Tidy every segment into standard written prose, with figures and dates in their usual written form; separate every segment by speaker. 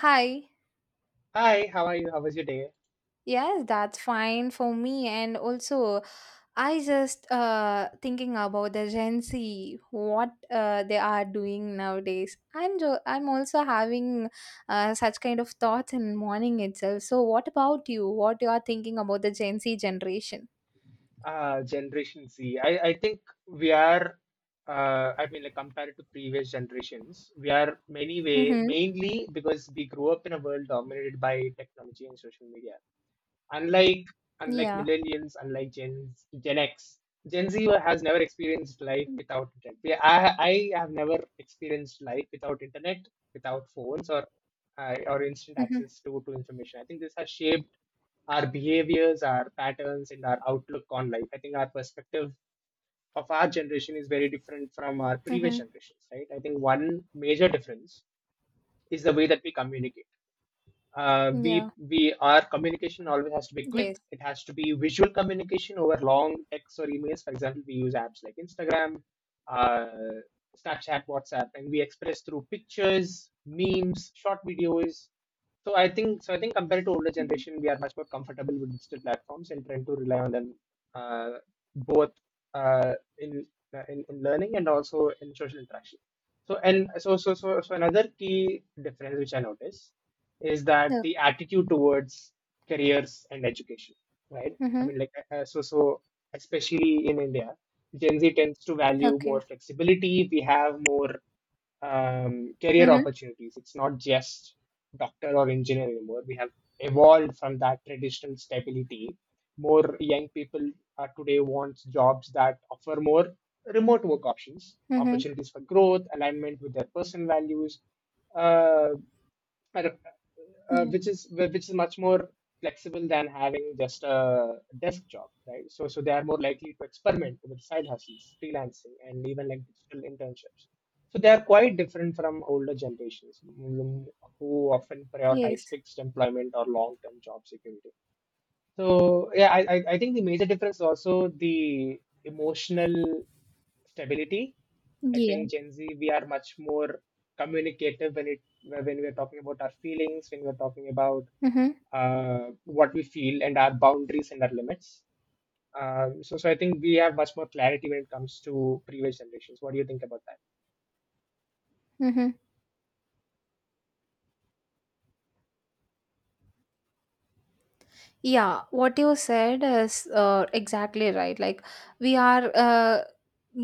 Speaker 1: Hi.
Speaker 2: Hi, how are you? How was your day?
Speaker 1: Yes, that's fine for me. And also, I just thinking about the Gen Z, what they are doing nowadays. I'm also having such kind of thoughts in morning itself. So, what about you? What you are thinking about the Gen Z generation?
Speaker 2: Generation Z. I think we are, compared to previous generations, we are many way,
Speaker 1: Mm-hmm.
Speaker 2: mainly because we grew up in a world dominated by technology and social media. unlike unlike
Speaker 1: Yeah.
Speaker 2: millennials, unlike Gen X, Gen Z has never experienced life without internet. I have never experienced life without internet, without phones or instant
Speaker 1: Mm-hmm.
Speaker 2: access to information. I think this has shaped our behaviors, our patterns, and our outlook on life. I think our perspective of our generation is very different from our previous
Speaker 1: Mm-hmm.
Speaker 2: generations, right? I think one major difference is the way that we communicate.
Speaker 1: Yeah.
Speaker 2: We Our communication always has to be quick.
Speaker 1: Yes.
Speaker 2: It has to be visual communication over long texts or emails. For example, we use apps like Instagram, uh, Snapchat, WhatsApp, and we express through pictures, memes, short videos. I think compared to older
Speaker 1: Mm-hmm.
Speaker 2: generation, we are much more comfortable with digital platforms and trying to rely on them uh, both uh, in, in learning and also in social interaction. So and so so so so another key difference which I notice is that
Speaker 1: Okay.
Speaker 2: the attitude towards careers and education, right?
Speaker 1: Mm-hmm.
Speaker 2: Especially in India, Gen Z tends to value more
Speaker 1: Okay.
Speaker 2: flexibility. We have more career
Speaker 1: Mm-hmm.
Speaker 2: opportunities. It's not just doctor or engineer anymore. We have evolved from that traditional stability. More young people are today want jobs that offer more remote work options,
Speaker 1: Mm-hmm.
Speaker 2: opportunities for growth, alignment with their personal values. Uh, I don't-
Speaker 1: Yeah.
Speaker 2: Which is much more flexible than having just a desk job, right? So they are more likely to experiment with side hustles, freelancing, and even like digital internships. So they are quite different from older generations, who often prioritize
Speaker 1: Yes.
Speaker 2: fixed employment or long-term job security. So yeah, I think the major difference is also the emotional stability. I
Speaker 1: Yeah.
Speaker 2: think Gen Z, we are much more communicative when it when we're talking about our feelings, when we're talking about
Speaker 1: Mm-hmm.
Speaker 2: what we feel and our boundaries and our limits. So I think we have much more clarity when it comes to previous generations. What do you think about that?
Speaker 1: Mm-hmm. Yeah, what you said is exactly right. Like we are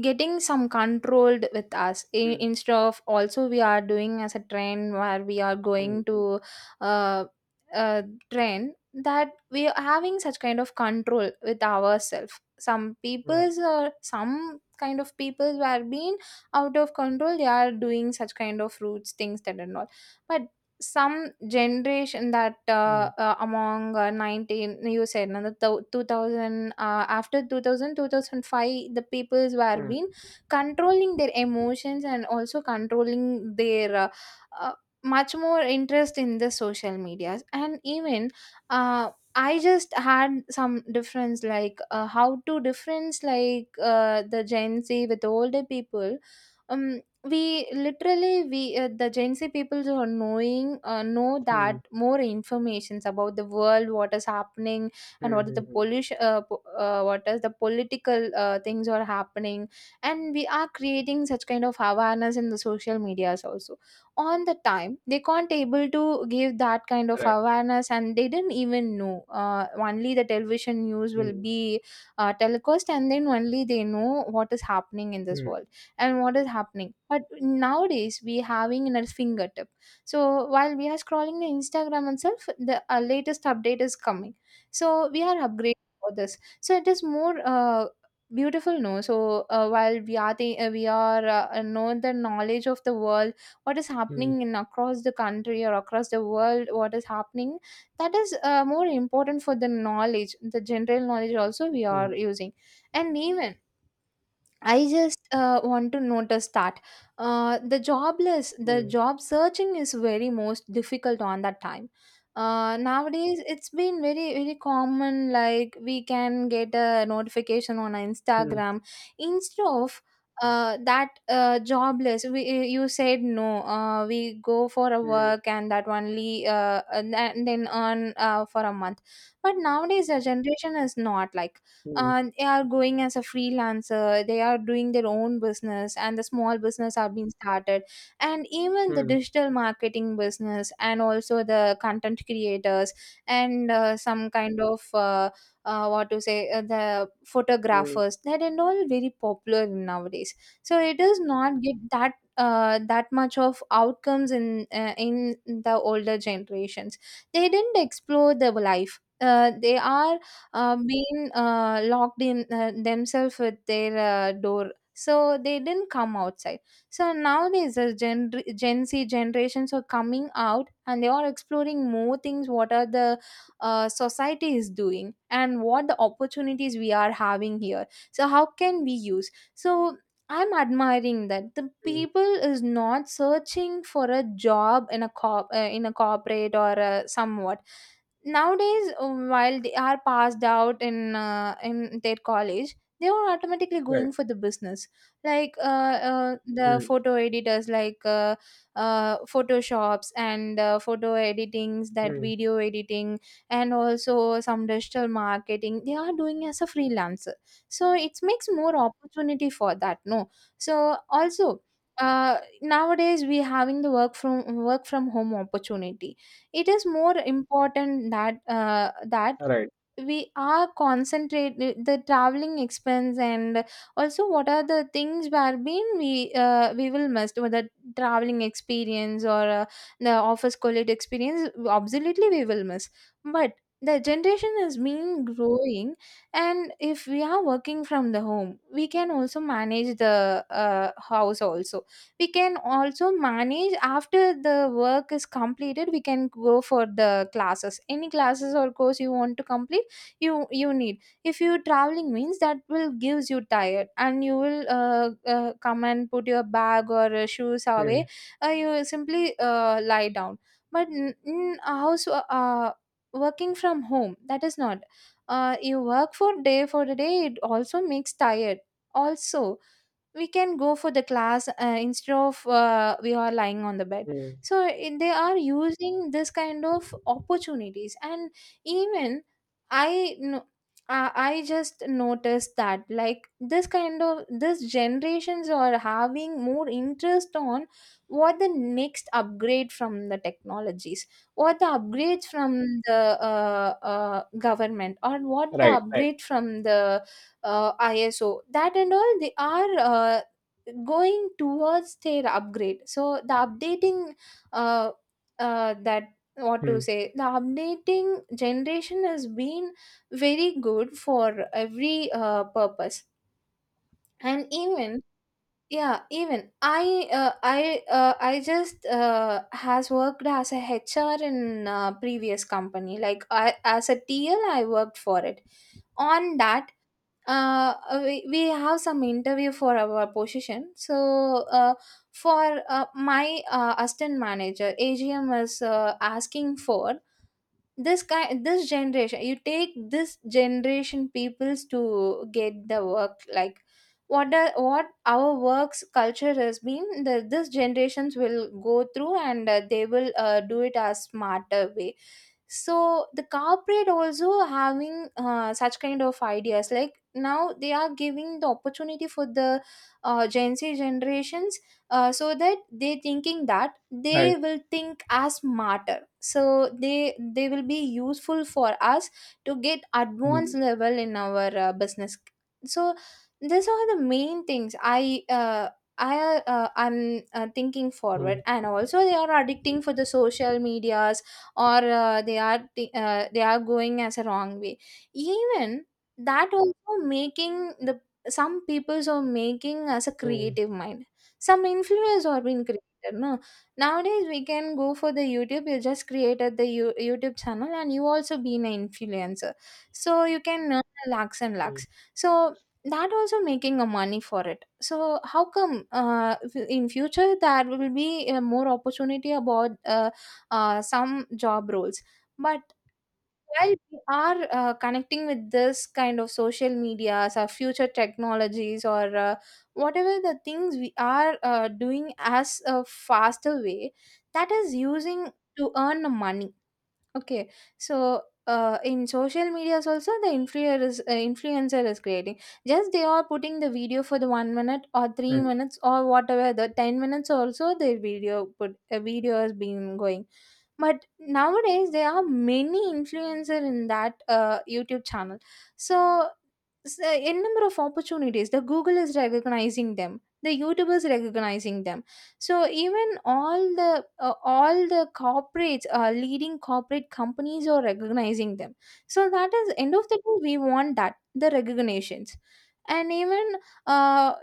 Speaker 1: getting some controlled with us
Speaker 2: Mm,
Speaker 1: instead of also we are doing as a train where we are
Speaker 2: mm,
Speaker 1: going
Speaker 2: mm,
Speaker 1: to uh, uh, train that we are having such kind of control with ourselves. Some
Speaker 2: mm,
Speaker 1: peoples or some kind of peoples who are being out of control. They are doing such kind of roots things that and all, but some generation that among 19, you said no, 2000, after 2002 thousand five, the peoples were
Speaker 2: mm,
Speaker 1: been controlling their emotions and also controlling their uh, much more interest in the social medias. And even I just had some difference like how to difference, like the Gen Z with older people. um we literally, we the Gen Z people who are knowing know
Speaker 2: mm,
Speaker 1: that more informations about the world, what is happening,
Speaker 2: mm,
Speaker 1: and
Speaker 2: mm,
Speaker 1: what is the
Speaker 2: mm, mm.
Speaker 1: pollution, what is the political things are happening, and we are creating such kind of awareness in the social medias also. On the time they can't able to give that kind of
Speaker 2: Correct.
Speaker 1: awareness, and they didn't even know, only the television news will
Speaker 2: Mm,
Speaker 1: be telecast, and then only they know what is happening in this
Speaker 2: mm,
Speaker 1: world and what is happening. But nowadays we having in our fingertip, so while we are scrolling the Instagram itself, the latest update is coming. So we are upgrading for this, so it is more beautiful, no. So while we are the, we are know the knowledge of the world, what is
Speaker 2: mm,
Speaker 1: happening in across the country or across the world, what is happening, that is more important for the knowledge, the general knowledge also we are
Speaker 2: mm,
Speaker 1: using. And even I just want to notice that the jobless, the
Speaker 2: mm,
Speaker 1: job searching is very most difficult on that time. Nowadays, it's been very common. Like we can get a notification on
Speaker 2: mm,
Speaker 1: Instagram instead of that, jobless. We, you said no. We go for a
Speaker 2: mm,
Speaker 1: work and that only, and then earn for a month. But nowadays, the generation is not like
Speaker 2: mm,
Speaker 1: they are going as a freelancer, they are doing their own business, and the small business are being started, and even the
Speaker 2: mm,
Speaker 1: digital marketing business and also the content creators, and some kind of what to say, the
Speaker 2: mm,
Speaker 1: photographers, that are all very popular nowadays. So it does not get that that much of outcomes in the older generations. They didn't explore the life. They are been locked in themselves with their door, so they didn't come outside. So nowadays, the Gen Z generations are coming out, and they are exploring more things, what are the society is doing and what the opportunities we are having here, so how can we use. So I'm admiring that the
Speaker 2: mm.
Speaker 1: people is not searching for a job in a corp in a corporate or somewhat. Nowadays, while they are passed out in their college, they are automatically going
Speaker 2: Right.
Speaker 1: for the business, like the
Speaker 2: Mm,
Speaker 1: photo editors, like photoshops, and photo editings, that
Speaker 2: mm.
Speaker 1: video editing, and also some digital marketing they are doing as a freelancer. So it makes more opportunity for that, no. So also, nowadays we having the work from home opportunity. It is more important that that
Speaker 2: All right.
Speaker 1: we are concentrate the traveling expense, and also what are the things wherein we will miss, whether traveling experience or the office college experience, absolutely we will miss. But the generation has been growing, and if we are working from the home, we can also manage the house also. We can also manage after the work is completed. We can go for the classes, any classes or course you want to complete. You need, if you traveling means that will gives you tired, and you will come and put your bag or shoes away,
Speaker 2: Mm,
Speaker 1: you simply lie down. But in a house, working from home, that is not you work for day for the day, it also makes tired. Also we can go for the class, instead of we are lying on the bed.
Speaker 2: mm.
Speaker 1: So they are using this kind of opportunities. And even I know, I just noticed that, like, this kind of, this generations are having more interest on what the next upgrade from the technologies, what the upgrades from the government, or what the
Speaker 2: Right. Right.
Speaker 1: upgrade from the ISO, that and all. They are going towards their upgrade, so the updating uh, that what to
Speaker 2: Hmm.
Speaker 1: say, the updating generation has been very good for every purpose. And even, yeah, even I just has worked as a HR in previous company, like I, as a TL I worked for it. On that we have some interview for our position. So for my assistant manager, AGM is asking for this kind, this generation. You take this generation peoples to get the work, like. What, the, what our works culture has been, the, this generations will go through, and they will do it as smarter way. So the corporate also having such kind of ideas, like now they are giving the opportunity for the Gen Z generations, so that they thinking that they will think as smarter, so they will be useful for us to get advanced
Speaker 2: Mm,
Speaker 1: level in our business. So these are the main things I I I'm thinking
Speaker 2: mm,
Speaker 1: forward. And also they are addicting for the social medias, or they are t- they are going as a wrong way. Even that also making the, some peoples are making as a
Speaker 2: mm,
Speaker 1: creative mind, some influence are being created, no. Nowadays we can go for the YouTube, you just created the YouTube channel, and you also been an influencer, so you can earn lakhs and
Speaker 2: mm,
Speaker 1: lakhs. So that also making a money for it. So how come, in future there will be more opportunity about some job roles. But while we are connecting with this kind of social medias or future technologies, or whatever the things we are doing as a faster way, that is using to earn money. Okay, so in social medias also the influencer is, influencer is creating. Just they are putting the video for the 1 minute or
Speaker 2: mm,
Speaker 1: 3 minutes, or whatever, the 10 minutes also, their video put a video has been going. But nowadays there are many influencer in that YouTube channel. So n number of opportunities, the Google is recognizing them, the YouTubers recognizing them. So even all the corporates, leading corporate companies are recognizing them. So that is end of the day, we want that the recognitions. And even uh,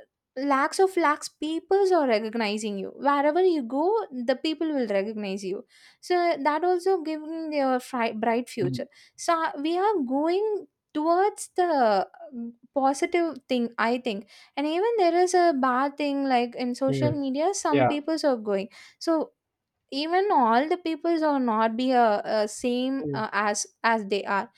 Speaker 1: lakhs of lakhs peoples are recognizing you, wherever you go, the people will recognize you. So that also giving your bright
Speaker 2: mm,
Speaker 1: future. So we are going towards the positive thing, I think. And even there is a bad thing, like in social
Speaker 2: mm.
Speaker 1: media, some
Speaker 2: Yeah.
Speaker 1: peoples are going. So even all the peoples are not be a same
Speaker 2: Mm,
Speaker 1: as they are.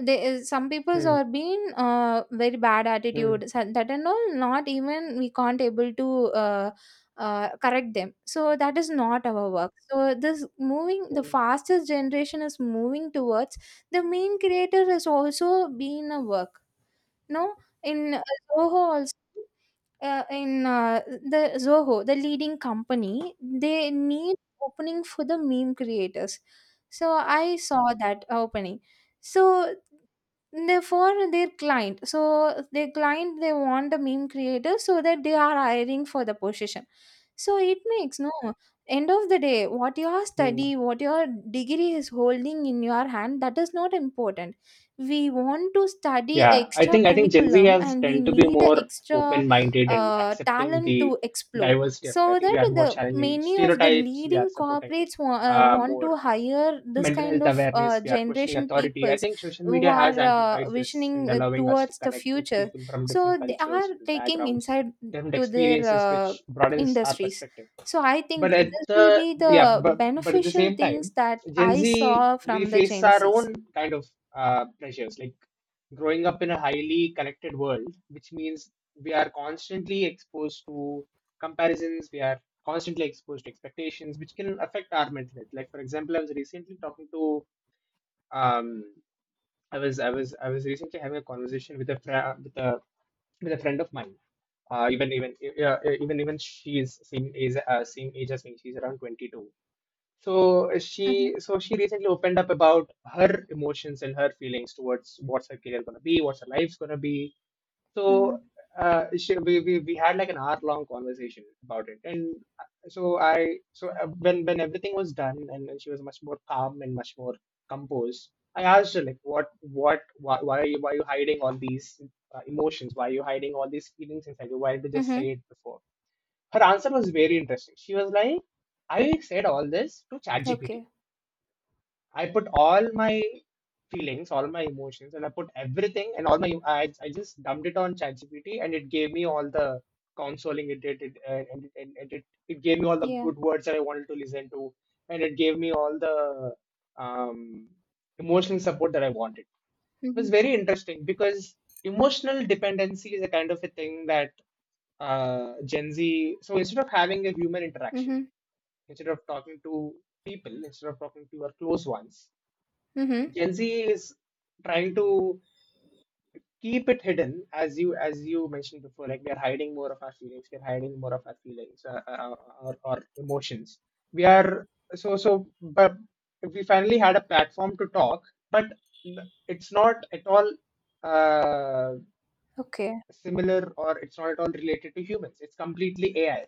Speaker 1: Some peoples
Speaker 2: mm,
Speaker 1: are being very bad
Speaker 2: mm,
Speaker 1: attitude, so that and all, not even, we can't able to uh, correct them, so that is not our work. So this moving, the
Speaker 2: mm,
Speaker 1: fastest generation is moving towards the main creator is also being a work, no. In Zoho also, in the Zoho, the leading company, they need opening for the meme creators. So I saw that opening. So they for their client. So their client, they want the meme creators, so that they are hiring for the position. So it makes, no, end of the day, what your
Speaker 2: mm.
Speaker 1: study, what your degree is holding in your hand, that is not important. We want to study
Speaker 2: Yeah. I
Speaker 1: extra
Speaker 2: think I think Gen Z
Speaker 1: curriculum,
Speaker 2: has
Speaker 1: and we
Speaker 2: tend to be
Speaker 1: need a
Speaker 2: more
Speaker 1: extra
Speaker 2: open-minded and accepting
Speaker 1: talent
Speaker 2: the
Speaker 1: to explore,
Speaker 2: diversity of it. I
Speaker 1: so
Speaker 2: think we
Speaker 1: that
Speaker 2: are more
Speaker 1: the
Speaker 2: challenging
Speaker 1: many of the
Speaker 2: stereotypes. We are
Speaker 1: leading
Speaker 2: supporting
Speaker 1: corporates want to
Speaker 2: more
Speaker 1: hire this
Speaker 2: mental
Speaker 1: kind
Speaker 2: health
Speaker 1: of
Speaker 2: awareness. We are questioning
Speaker 1: generation
Speaker 2: authority. I
Speaker 1: peoples
Speaker 2: think social
Speaker 1: who
Speaker 2: media has
Speaker 1: are
Speaker 2: amplified this and
Speaker 1: visioning
Speaker 2: allowing us to
Speaker 1: towards the
Speaker 2: connect with
Speaker 1: future,
Speaker 2: people from different
Speaker 1: so they
Speaker 2: cultures,
Speaker 1: are
Speaker 2: different
Speaker 1: taking
Speaker 2: backgrounds,
Speaker 1: inside
Speaker 2: different
Speaker 1: to their
Speaker 2: experiences, which broadens our
Speaker 1: industries.
Speaker 2: perspective.
Speaker 1: So I think
Speaker 2: But at
Speaker 1: this will
Speaker 2: the
Speaker 1: be
Speaker 2: yeah,
Speaker 1: the
Speaker 2: but but at the
Speaker 1: beneficial
Speaker 2: same time,
Speaker 1: things that
Speaker 2: Gen
Speaker 1: I
Speaker 2: Z
Speaker 1: saw
Speaker 2: we
Speaker 1: from the
Speaker 2: face
Speaker 1: Gen
Speaker 2: our
Speaker 1: Z's.
Speaker 2: own kind of pressures, like growing up in a highly connected world, which means we are constantly exposed to comparisons. We are constantly exposed to expectations, which can affect our mental health. Like for example, I was recently talking to um, I was I was I was recently having a conversation with a fr- with a friend of mine. Even even yeah, even even she is same age as me. She's around 22, so
Speaker 1: Mm-hmm.
Speaker 2: she recently opened up about her emotions and her feelings towards what's her career gonna be, what's her life's gonna be. So
Speaker 1: Mm-hmm.
Speaker 2: she, we had like an hour long conversation about it, and so I so when everything was done, and she was much more calm and much more composed. I asked her like what why are you hiding all these emotions? Why are you hiding all these feelings inside you? Why did you just
Speaker 1: Mm-hmm.
Speaker 2: say it before? Her answer was very interesting. She was like, I said all this to ChatGPT.
Speaker 1: Okay.
Speaker 2: I put all my feelings, all my emotions, and I put everything and all my, I just dumped it on ChatGPT and it gave me all the consoling it did, it, and, it, and it gave me all the
Speaker 1: Yeah.
Speaker 2: good words that I wanted to listen to, and it gave me all the um, emotional support that I wanted. Was
Speaker 1: Mm-hmm.
Speaker 2: very interesting because emotional dependency is a kind of a thing that Gen Z. So instead of having a human interaction,
Speaker 1: Mm-hmm.
Speaker 2: instead of talking to people, instead of talking to your close ones,
Speaker 1: Mm-hmm.
Speaker 2: Gen Z is trying to keep it hidden. As you mentioned before, like we are hiding more of our feelings, we're hiding more of our feelings, or emotions we are. So but we finally had a platform to talk, but it's not at all uh,
Speaker 1: Okay.
Speaker 2: similar, or it's not at all related to humans, it's completely AI.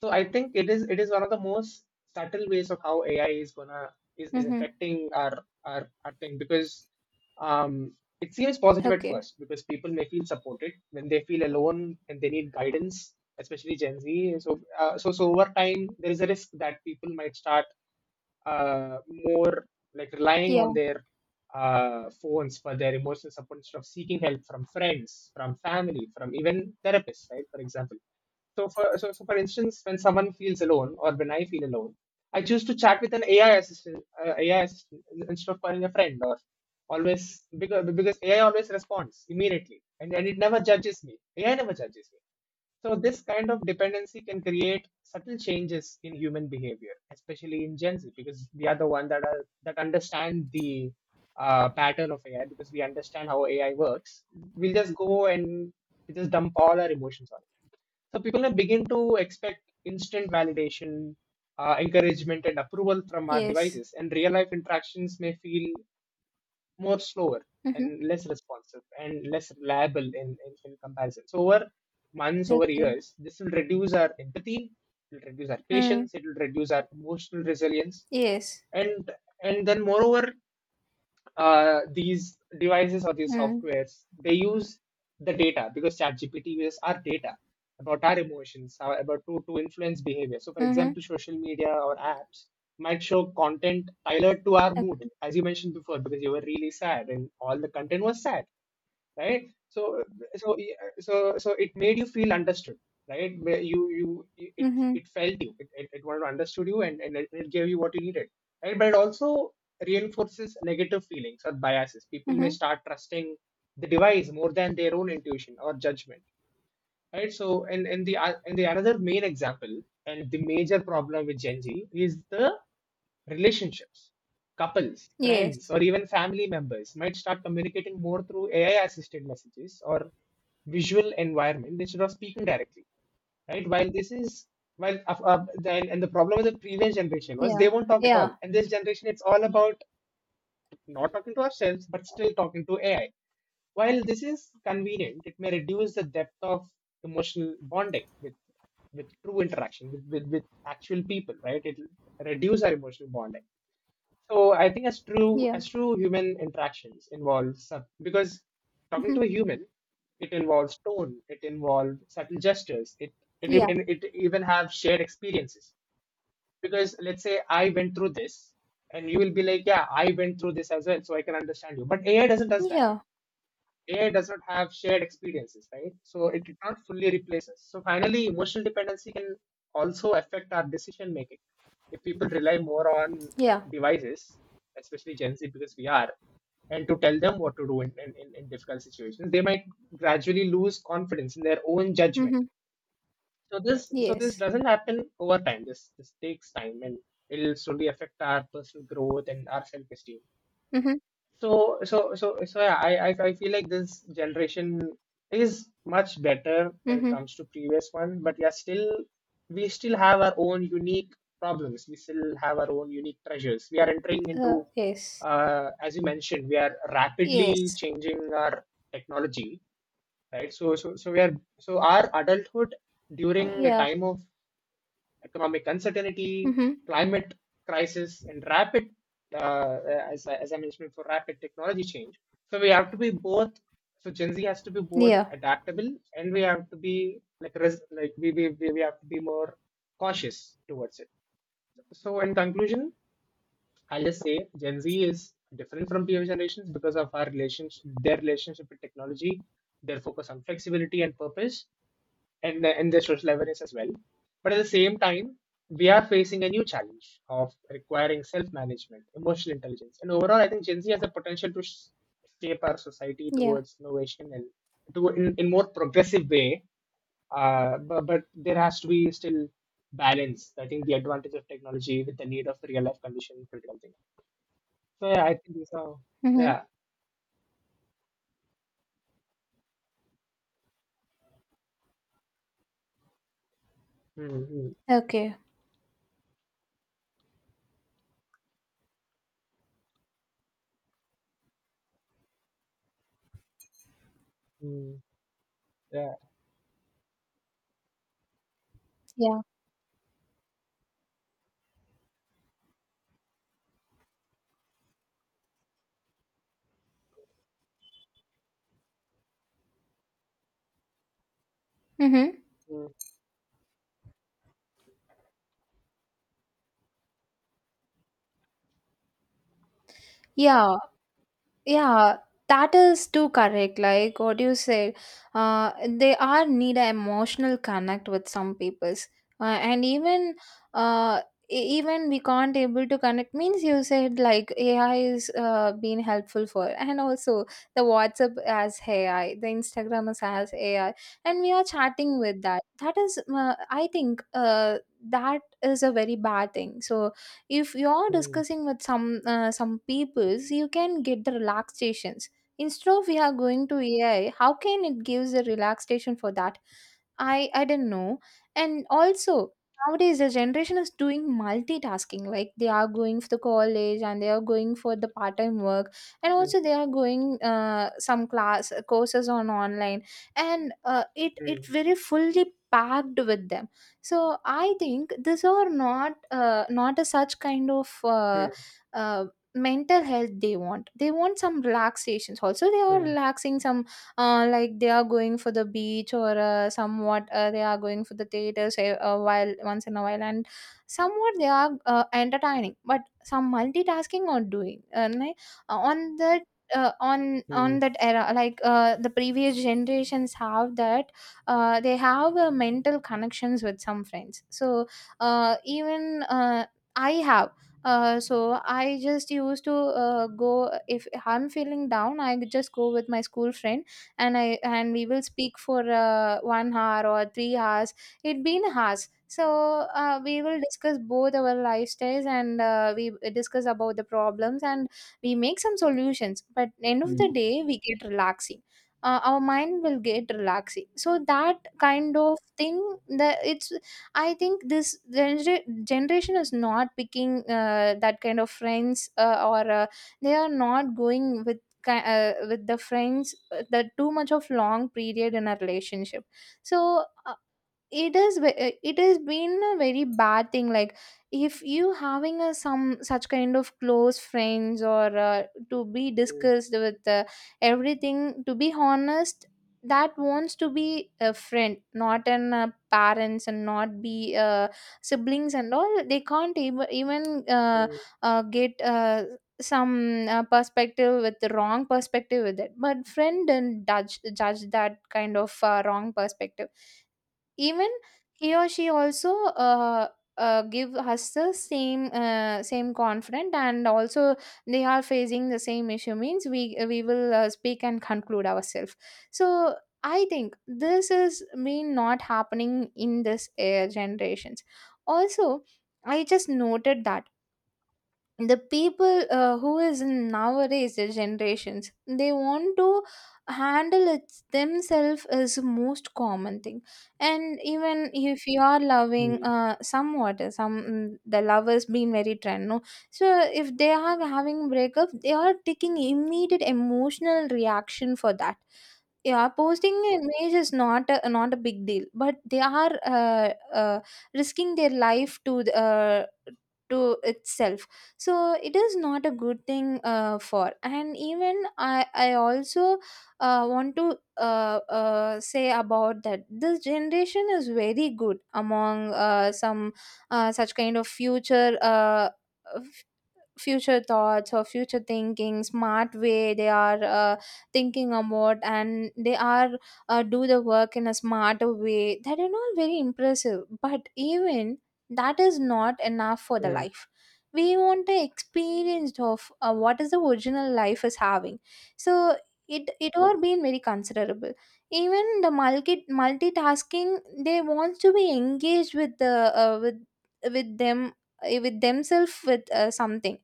Speaker 2: So I think it is, it is one of the most subtle ways of how AI is gonna is
Speaker 1: Mm-hmm.
Speaker 2: affecting our, our thing. Because um it seems positive at
Speaker 1: Okay.
Speaker 2: first because people may feel supported when they feel alone and they need guidance, especially Gen Z. So over time there is a risk that people might start uh, more like relying
Speaker 1: Yeah.
Speaker 2: on their phones for their emotional support instead of seeking help from friends, from family, from even therapists, right? For example. So for instance, when someone feels alone or when I feel alone, I choose to chat with an AI assistant, instead of calling a friend or always, because AI always responds immediately, and it never judges me. AI never judges me. So this kind of dependency can create subtle changes in human behavior, especially in Gen Z, because we are the one that are that understand the pattern of AI, because we understand how AI works. We'll just go and we just dump all our emotions on it. So people now begin to expect instant validation, encouragement, and approval from our
Speaker 1: Yes.
Speaker 2: devices, and real life interactions may feel more slower and
Speaker 1: Mm-hmm.
Speaker 2: less responsive and less reliable in, in comparison. So over months, over
Speaker 1: Okay.
Speaker 2: years, this will reduce our empathy, it will reduce our
Speaker 1: Mm.
Speaker 2: patience, it will reduce our emotional resilience.
Speaker 1: Yes.
Speaker 2: And and then moreover, these devices or these
Speaker 1: Mm.
Speaker 2: softwares they use the data, because ChatGPT uses our data about our emotions, to influence behavior. So, for
Speaker 1: Mm-hmm.
Speaker 2: example, social media or apps might show content tailored to our mood,
Speaker 1: Okay.
Speaker 2: as you mentioned before, because you were really sad and all the content was sad, right? So so so so it made you feel understood, right? you It
Speaker 1: Mm-hmm.
Speaker 2: it felt you it, it, it wanted to understood you, and it gave you what you needed, right? But it also reinforces negative feelings or biases. People may
Speaker 1: Mm-hmm.
Speaker 2: start trusting the device more than their own intuition or judgment. Right. So, and the another main example and the major problem with Gen Z is the relationships. Couples, friends,
Speaker 1: Yes.
Speaker 2: or even family members might start communicating more through AI-assisted messages or visual environment instead of speaking directly. Right. While this is while and the problem with the previous generation was they
Speaker 1: Yeah.
Speaker 2: won't talk at all,
Speaker 1: Yeah.
Speaker 2: and this generation it's all about not talking to ourselves, but still talking to AI. While this is convenient, it may reduce the depth of emotional bonding with true interaction with actual people, right? It will reduce our emotional bonding. So I think as true
Speaker 1: Yeah.
Speaker 2: as true human interactions involves because talking
Speaker 1: Mm-hmm.
Speaker 2: to a human, it involves tone, it involves subtle gestures, it it,
Speaker 1: Yeah,
Speaker 2: it, it even have shared experiences. Because let's say I went through this, and you will be like, yeah, I went through this as well, so I can understand you. But AI doesn't does that.
Speaker 1: yeah,
Speaker 2: AI does not have shared experiences, right? So it cannot fully replace us. So finally, emotional dependency can also affect our decision making. If people rely more on
Speaker 1: yeah.
Speaker 2: devices, especially Gen Z, because we are, and to tell them what to do in, in in difficult situations, they might gradually lose confidence in their own judgment.
Speaker 1: Mm-hmm.
Speaker 2: So this
Speaker 1: Yes.
Speaker 2: doesn't happen over time. This takes time and it'll slowly affect our personal growth and our self esteem.
Speaker 1: Mm-hmm.
Speaker 2: So yeah, I feel like this generation is much better when it
Speaker 1: Mm-hmm.
Speaker 2: comes to previous one, but yeah, still we still have our own unique problems. We still have our own unique treasures. We are entering into,
Speaker 1: Yes.
Speaker 2: as you mentioned, we are rapidly
Speaker 1: Yes.
Speaker 2: changing our technology, right? So we are, so our adulthood during a
Speaker 1: Yeah.
Speaker 2: time of economic uncertainty,
Speaker 1: Mm-hmm.
Speaker 2: climate crisis, and rapid, as I mentioned before, rapid technology change. So we have to be both. So Gen Z has to be both
Speaker 1: Yeah.
Speaker 2: adaptable, and we have to be like like we have to be more cautious towards it. So in conclusion, I'll just say Gen Z is different from previous generations because of our relationship, their relationship with technology, their focus on flexibility and purpose, and the social awareness as well. But at the same time, we are facing a new challenge of requiring self-management, emotional intelligence, and overall, I think Gen Z has the potential to shape our society
Speaker 1: Yeah.
Speaker 2: towards innovation and to in more progressive way. But there has to be still balance. I think the advantage of technology with the need of real life condition and critical thing. So yeah, I think these are
Speaker 1: Mm-hmm.
Speaker 2: yeah. mm, mm,
Speaker 1: Okay.
Speaker 2: mm, yeah.
Speaker 1: Yeah. Mm-hmm.
Speaker 2: mm,
Speaker 1: Yeah. Yeah, that is too correct. Like what you said, they are need an emotional connect with some peoples, and even uh, even we can't able to connect means you said like AI is being helpful for, and also the WhatsApp has AI, the Instagram has AI, and we are chatting with that. That is, I think, that is a very bad thing. So if you're
Speaker 2: mm,
Speaker 1: discussing with some peoples, you can get the relaxations instead of we are going to AI. How can it gives a relaxation for that? I do not know. And also nowadays the generation is doing multitasking. Like they are going for the college, and they are going for the part time work, and
Speaker 2: mm,
Speaker 1: also they are going some class courses on online, and uh, it very fully packed with them. So I think these are not not a such kind of.
Speaker 2: mm,
Speaker 1: Uh, mental health they want, they want some relaxations. Also they are
Speaker 2: mm,
Speaker 1: relaxing some, like they are going for the beach, or somewhat they are going for the theaters while once in a while, and somewhat they are entertaining, but some multitasking are doing. And on that
Speaker 2: mm,
Speaker 1: on that era, like the previous generations have that, they have mental connections with some friends. So even I have, so I just used to go. If I'm feeling down, I just go with my school friend, and I and we will speak for 1 hour or 3 hours. It been hours. So we will discuss both our lifestyles, and we discuss about the problems, and we make some solutions, but end of the
Speaker 2: mm,
Speaker 1: day we get relaxing. Our mind will get relaxing. So that kind of thing, that it's, I think this generation is not picking that kind of friends, or they are not going with with the friends, that too much of long period in a relationship. So it is it has been a very bad thing. Like, if you having a some such kind of close friends, or to be
Speaker 2: mm.
Speaker 1: discussed with, everything to be honest, that wants to be a friend, not an parents, and not be siblings and all. They can't even even uh,
Speaker 2: Mm,
Speaker 1: uh, get, some perspective with the wrong perspective with it, but friend didn't judge that kind of wrong perspective. Even he or she also give us the same, same confident. And also they are facing the same issue means we will speak and conclude ourselves. So I think this is been not happening in this air generations. Also, I just noted that the people who is in nowadays the generations, they want to handle it themselves is the most common thing. And even if you are loving
Speaker 2: mm,
Speaker 1: somewhat some the lovers being very trend no. So if they are having breakup, they are taking immediate emotional reaction for that. Yeah, posting an image is not a, not a big deal, but they are risking their life to the, to itself. So it is not a good thing for. And even I also want to say about that this generation is very good among some such kind of future, future thoughts or future thinking smart way. They are thinking about, and they are do the work in a smarter way. That is are not very impressive, but even that is not enough for the
Speaker 2: mm,
Speaker 1: life. We want the experience of what is the original life is having. So it are being very considerable. Even the multitasking, they want to be engaged with the uh, with them, with themselves, with something.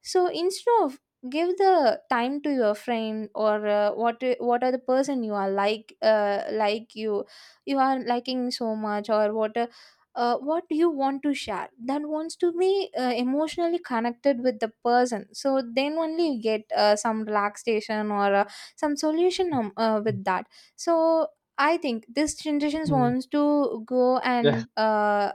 Speaker 1: So instead of give the time to your friend, or what are the person you are like, uh, you you are liking so much, or what do you want to share, that wants to be emotionally connected with the person. So then only you get some relaxation, or some solution
Speaker 2: mm,
Speaker 1: with that. So I think this generation
Speaker 2: mm.
Speaker 1: wants to go
Speaker 2: Yeah,
Speaker 1: and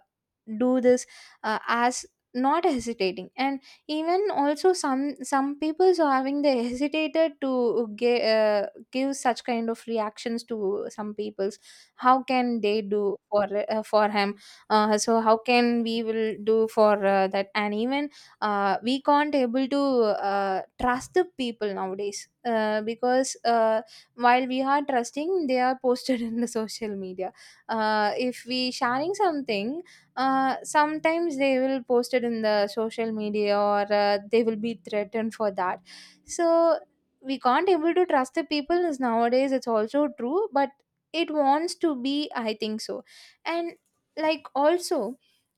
Speaker 1: do this, as not hesitating. And even also some people are having, they hesitated to give, give such kind of reactions to some peoples. How can they do for him? So how can we will do for that? And even we can't able to trust the people nowadays, because while we are trusting, they are posted in the social media. If we sharing something sometimes, they will post it in the social media, or they will be threatened for that. So we can't able to trust the people is nowadays, it's also true, but it wants to be, I think so. And like also,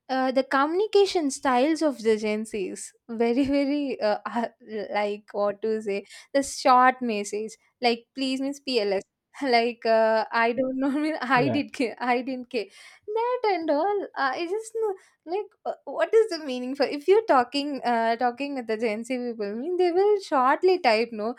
Speaker 1: the communication styles of the Gen Zs very very are, like what to say, the short message like please means PLS like I don't know mean I
Speaker 2: yeah.
Speaker 1: I didn't care that and all. I just know, like what is the meaning for? If you're talking talking with the Gen Z people, I mean, they will shortly type no.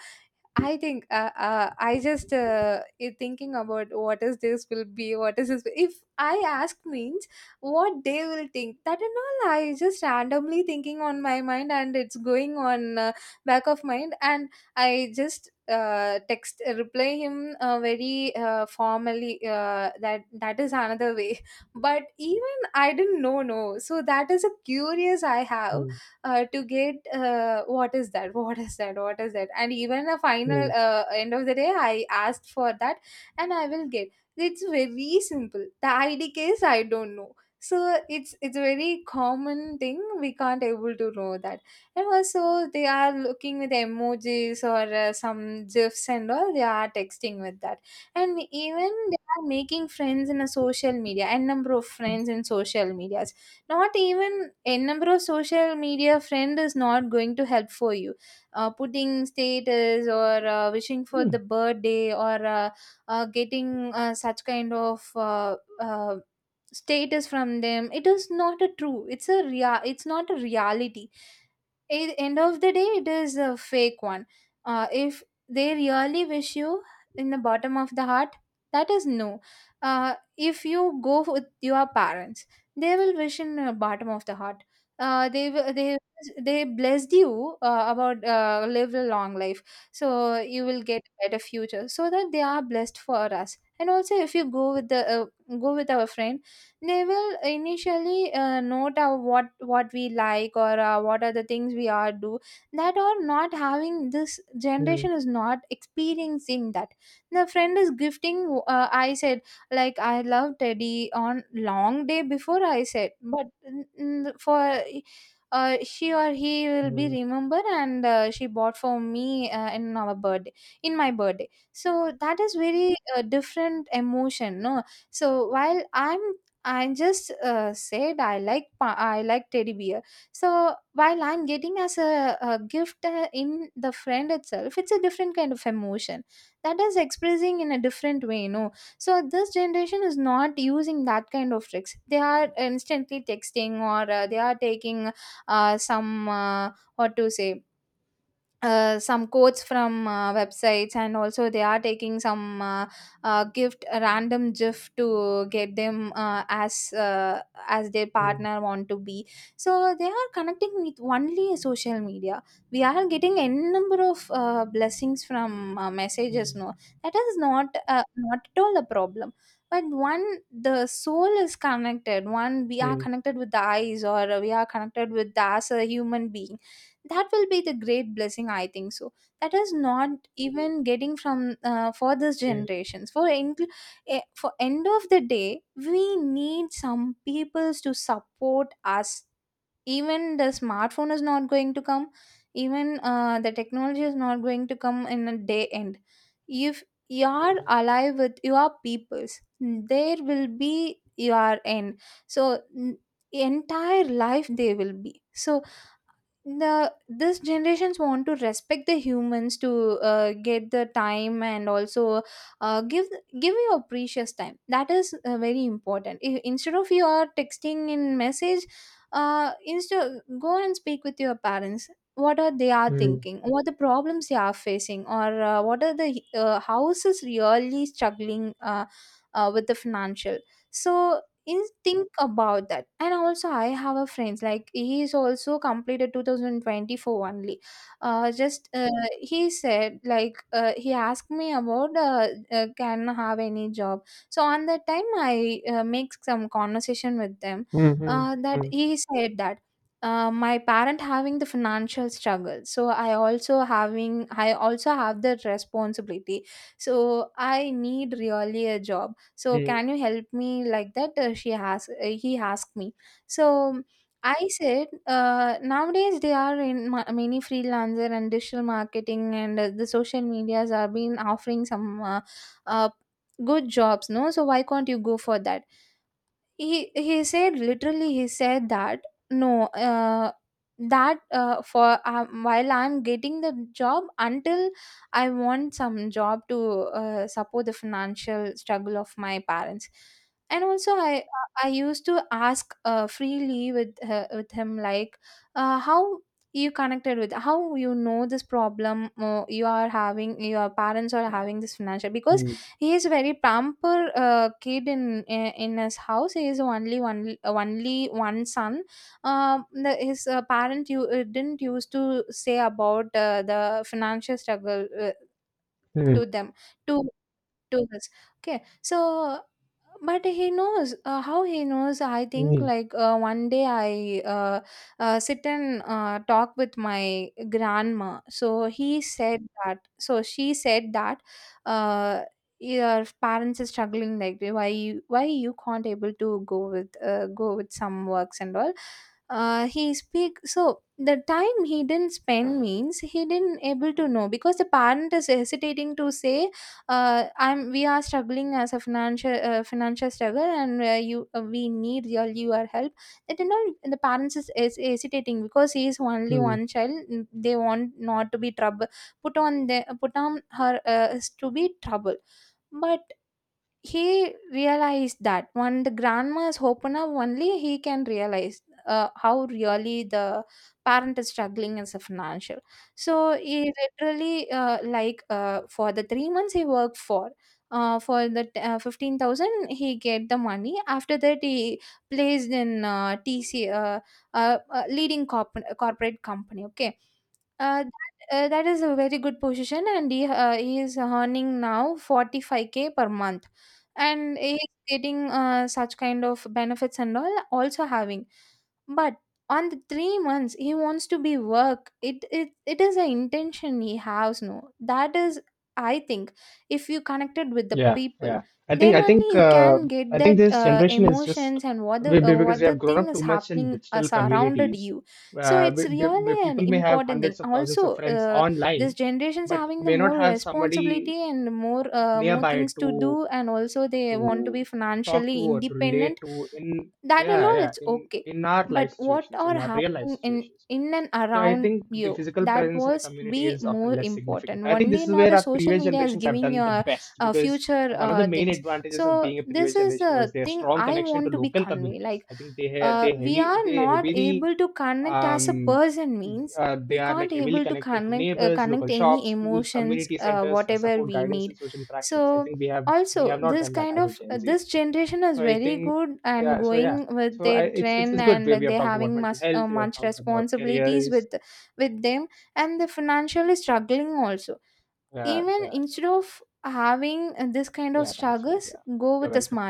Speaker 1: I think I just thinking about what is this will be, what is this. If I ask means what they will think, that and all, I just randomly thinking on my mind, and it's going on back of mind, and I just text reply him very formally. That that is another way, but even I didn't know no. So that is a curious I have
Speaker 2: Mm,
Speaker 1: to get, what is that what is that, what is that? And even a final
Speaker 2: mm,
Speaker 1: end of the day I asked for that, and I will get, it's very simple, the id case I don't know. So it's a very common thing, we can't able to know that. And also they are looking with emojis, or some gifs and all, they are texting with that. And even they are making friends in a social media, and number of friends in social media, not even a number of social media friend is not going to help for you. Putting status, or wishing for
Speaker 2: mm,
Speaker 1: the birthday, or getting such kind of uh, status from them, it is not a true, it's a it's not a reality. At the end of the day, it is a fake one. If they really wish you in the bottom of the heart, that is no. If you go with your parents, they will wish in the bottom of the heart. uh, they will- they they blessed you about live a long life. So you will get a better future, so that they are blessed for us. And also if you go with the go with our friend, they will initially note what we like, or what are the things we are do. That are not having, this
Speaker 2: mm,
Speaker 1: generation is not experiencing that. The friend is gifting, I said, like I love teddy on long day before I said, but for she or he will be
Speaker 2: mm,
Speaker 1: remember, and she bought for me in our birthday, in my birthday. So that is very different emotion no. So while I'm I just said I like I like teddy bear. So while I'm getting as a gift in the friend itself, it's a different kind of emotion. That is expressing in a different way, no. So this generation is not using that kind of tricks. They are instantly texting, or they are taking some what to say some quotes from websites, and also they are taking some gift a random gift to get them as their
Speaker 2: mm,
Speaker 1: partner want to be. So they are connecting with only social media. We are getting a number of blessings from messages,
Speaker 2: mm,
Speaker 1: no? That is not at all a problem. But one, the soul is connected. One, we are
Speaker 2: mm,
Speaker 1: connected with the eyes, or we are connected with the as a human being, that will be the great blessing, I think so. That is not even getting from for this
Speaker 2: mm,
Speaker 1: generations for end, for end of the day we need some peoples to support us. Even the smartphone is not going to come, even the technology is not going to come in a day end. If you are alive with your peoples, there will be your end. So entire life they will be. So the this generations want to respect the humans to get the time, and also uh, give give your precious time, that is very important. Instead of you are texting in message, instead go and speak with your parents. What are they are
Speaker 2: mm,
Speaker 1: thinking, what the problems they are facing, or what are the houses really struggling with the financial. So is think about that. And also, I have a friend like, he is also completed 2024 only. Just He said like, he asked me about can I have any job? So on that time I make some conversation with them.
Speaker 2: mm, mm, mm,
Speaker 1: That he said that, my parent having the financial struggle, so I also having, I also have the responsibility. So I need really a job, so
Speaker 2: mm,
Speaker 1: can you help me? Like that, she has he asked me. So I said, nowadays they are in many freelancer and digital marketing, and the social medias are been offering some uh, good jobs, no? So why can't you go for that? He said, literally he said that, no, that for while I'm getting the job, until I want some job to support the financial struggle of my parents. And also I used to ask freely with him like, how you connected with, how you know this problem, you are having, your parents are having this financial, because
Speaker 2: mm,
Speaker 1: he is a very pamper kid in his house. He is only one, only one son. The, his parent you didn't used to say about the financial struggle
Speaker 2: mm,
Speaker 1: to them, to two girls. Okay. So, but he knows, how he knows. I think
Speaker 2: mm,
Speaker 1: like one day I sit and talk with my grandma. So he said that, so she said that. Uh, your parents are struggling like that, why you, why you can't able to go with some works and all. He speak. So the time he didn't spend means he didn't able to know, because the parent is hesitating to say, I'm, we are struggling as a financial, financial struggle, and you we need your help. That, you know, the parents is hesitating because he is only
Speaker 2: mm.
Speaker 1: one child. They want not to be trouble, put on the, put on her, is to be trouble. But he realized that when the grandmas open up, only he can realize how really the parent is struggling as a financial. So he literally for the 3 months he worked for the 15,000, he get the money. After that, he placed in tc leading corporate company. Okay, uh, that, that is a very good position, and he is earning now 45k per month, and he's getting such kind of benefits and all, also having. But on the 3 months he wants to be work, it is an intention he has, no. That is, I think, if you connected with the
Speaker 2: Yeah,
Speaker 1: people,
Speaker 2: yeah. I think
Speaker 1: then
Speaker 2: I think
Speaker 1: only you can get
Speaker 2: I think
Speaker 1: that
Speaker 2: this generation is just
Speaker 1: emotions, and
Speaker 2: because
Speaker 1: what
Speaker 2: we
Speaker 1: the
Speaker 2: have grown
Speaker 1: thing
Speaker 2: up
Speaker 1: is
Speaker 2: too much in
Speaker 1: happening
Speaker 2: digital
Speaker 1: surrounded
Speaker 2: communities.
Speaker 1: you. So it's really an
Speaker 2: People may have
Speaker 1: important thing.
Speaker 2: hundreds of thousands of
Speaker 1: Also,
Speaker 2: friends
Speaker 1: this
Speaker 2: online,
Speaker 1: generation's
Speaker 2: but
Speaker 1: having the
Speaker 2: may not
Speaker 1: more
Speaker 2: have somebody
Speaker 1: responsibility and more more
Speaker 2: nearby
Speaker 1: things
Speaker 2: to
Speaker 1: to do, and also they
Speaker 2: to
Speaker 1: want to be
Speaker 2: talk to
Speaker 1: financially
Speaker 2: or to relate
Speaker 1: independent.
Speaker 2: to in
Speaker 1: That and all,
Speaker 2: yeah
Speaker 1: it's okay.
Speaker 2: in our life
Speaker 1: But what
Speaker 2: situations, in
Speaker 1: are
Speaker 2: our real life
Speaker 1: happening in
Speaker 2: situations.
Speaker 1: in and
Speaker 2: So I
Speaker 1: around
Speaker 2: think the
Speaker 1: you,
Speaker 2: physical
Speaker 1: that
Speaker 2: presence in a
Speaker 1: was to
Speaker 2: community
Speaker 1: be
Speaker 2: is often
Speaker 1: more
Speaker 2: less significant.
Speaker 1: important
Speaker 2: I think this
Speaker 1: only,
Speaker 2: is
Speaker 1: not
Speaker 2: where
Speaker 1: a
Speaker 2: our
Speaker 1: social
Speaker 2: previous
Speaker 1: media is
Speaker 2: generations have
Speaker 1: giving
Speaker 2: done the
Speaker 1: your
Speaker 2: best, because
Speaker 1: future
Speaker 2: one of the main
Speaker 1: things.
Speaker 2: advantages of
Speaker 1: So
Speaker 2: being a previous
Speaker 1: this is
Speaker 2: generation was
Speaker 1: the
Speaker 2: their
Speaker 1: thing
Speaker 2: strong
Speaker 1: I
Speaker 2: connection
Speaker 1: want
Speaker 2: to
Speaker 1: to be
Speaker 2: local
Speaker 1: convey,
Speaker 2: communities.
Speaker 1: like,
Speaker 2: I think they ha- they
Speaker 1: we
Speaker 2: heavily
Speaker 1: are
Speaker 2: they
Speaker 1: not
Speaker 2: heavily
Speaker 1: able to connect as a
Speaker 2: um
Speaker 1: person means,
Speaker 2: they
Speaker 1: we
Speaker 2: are like
Speaker 1: can't
Speaker 2: heavily
Speaker 1: able to
Speaker 2: connected to
Speaker 1: connect
Speaker 2: neighbors, local
Speaker 1: connect any
Speaker 2: shops, schools,
Speaker 1: emotions,
Speaker 2: community centers for
Speaker 1: whatever
Speaker 2: support,
Speaker 1: we
Speaker 2: guidance, and
Speaker 1: need.
Speaker 2: social interactions. I
Speaker 1: So
Speaker 2: think we have we
Speaker 1: also
Speaker 2: have not
Speaker 1: this
Speaker 2: done that
Speaker 1: kind
Speaker 2: as a
Speaker 1: of,
Speaker 2: Gen Z.
Speaker 1: this generation is
Speaker 2: So I
Speaker 1: very
Speaker 2: think,
Speaker 1: good and
Speaker 2: yeah, so yeah,
Speaker 1: going with
Speaker 2: so I,
Speaker 1: their
Speaker 2: it's
Speaker 1: trend,
Speaker 2: it's good. We
Speaker 1: and
Speaker 2: have
Speaker 1: they
Speaker 2: talked about
Speaker 1: having
Speaker 2: mental
Speaker 1: much,
Speaker 2: health, we have
Speaker 1: much
Speaker 2: talked about
Speaker 1: responsibilities
Speaker 2: careers.
Speaker 1: with them, and the financially struggling also.
Speaker 2: Yeah,
Speaker 1: Even
Speaker 2: yeah,
Speaker 1: instead of having this kind of
Speaker 2: yeah. Thanks, Suresh.
Speaker 1: struggles,
Speaker 2: Yeah,
Speaker 1: go
Speaker 2: you're
Speaker 1: with a
Speaker 2: welcome.
Speaker 1: smarter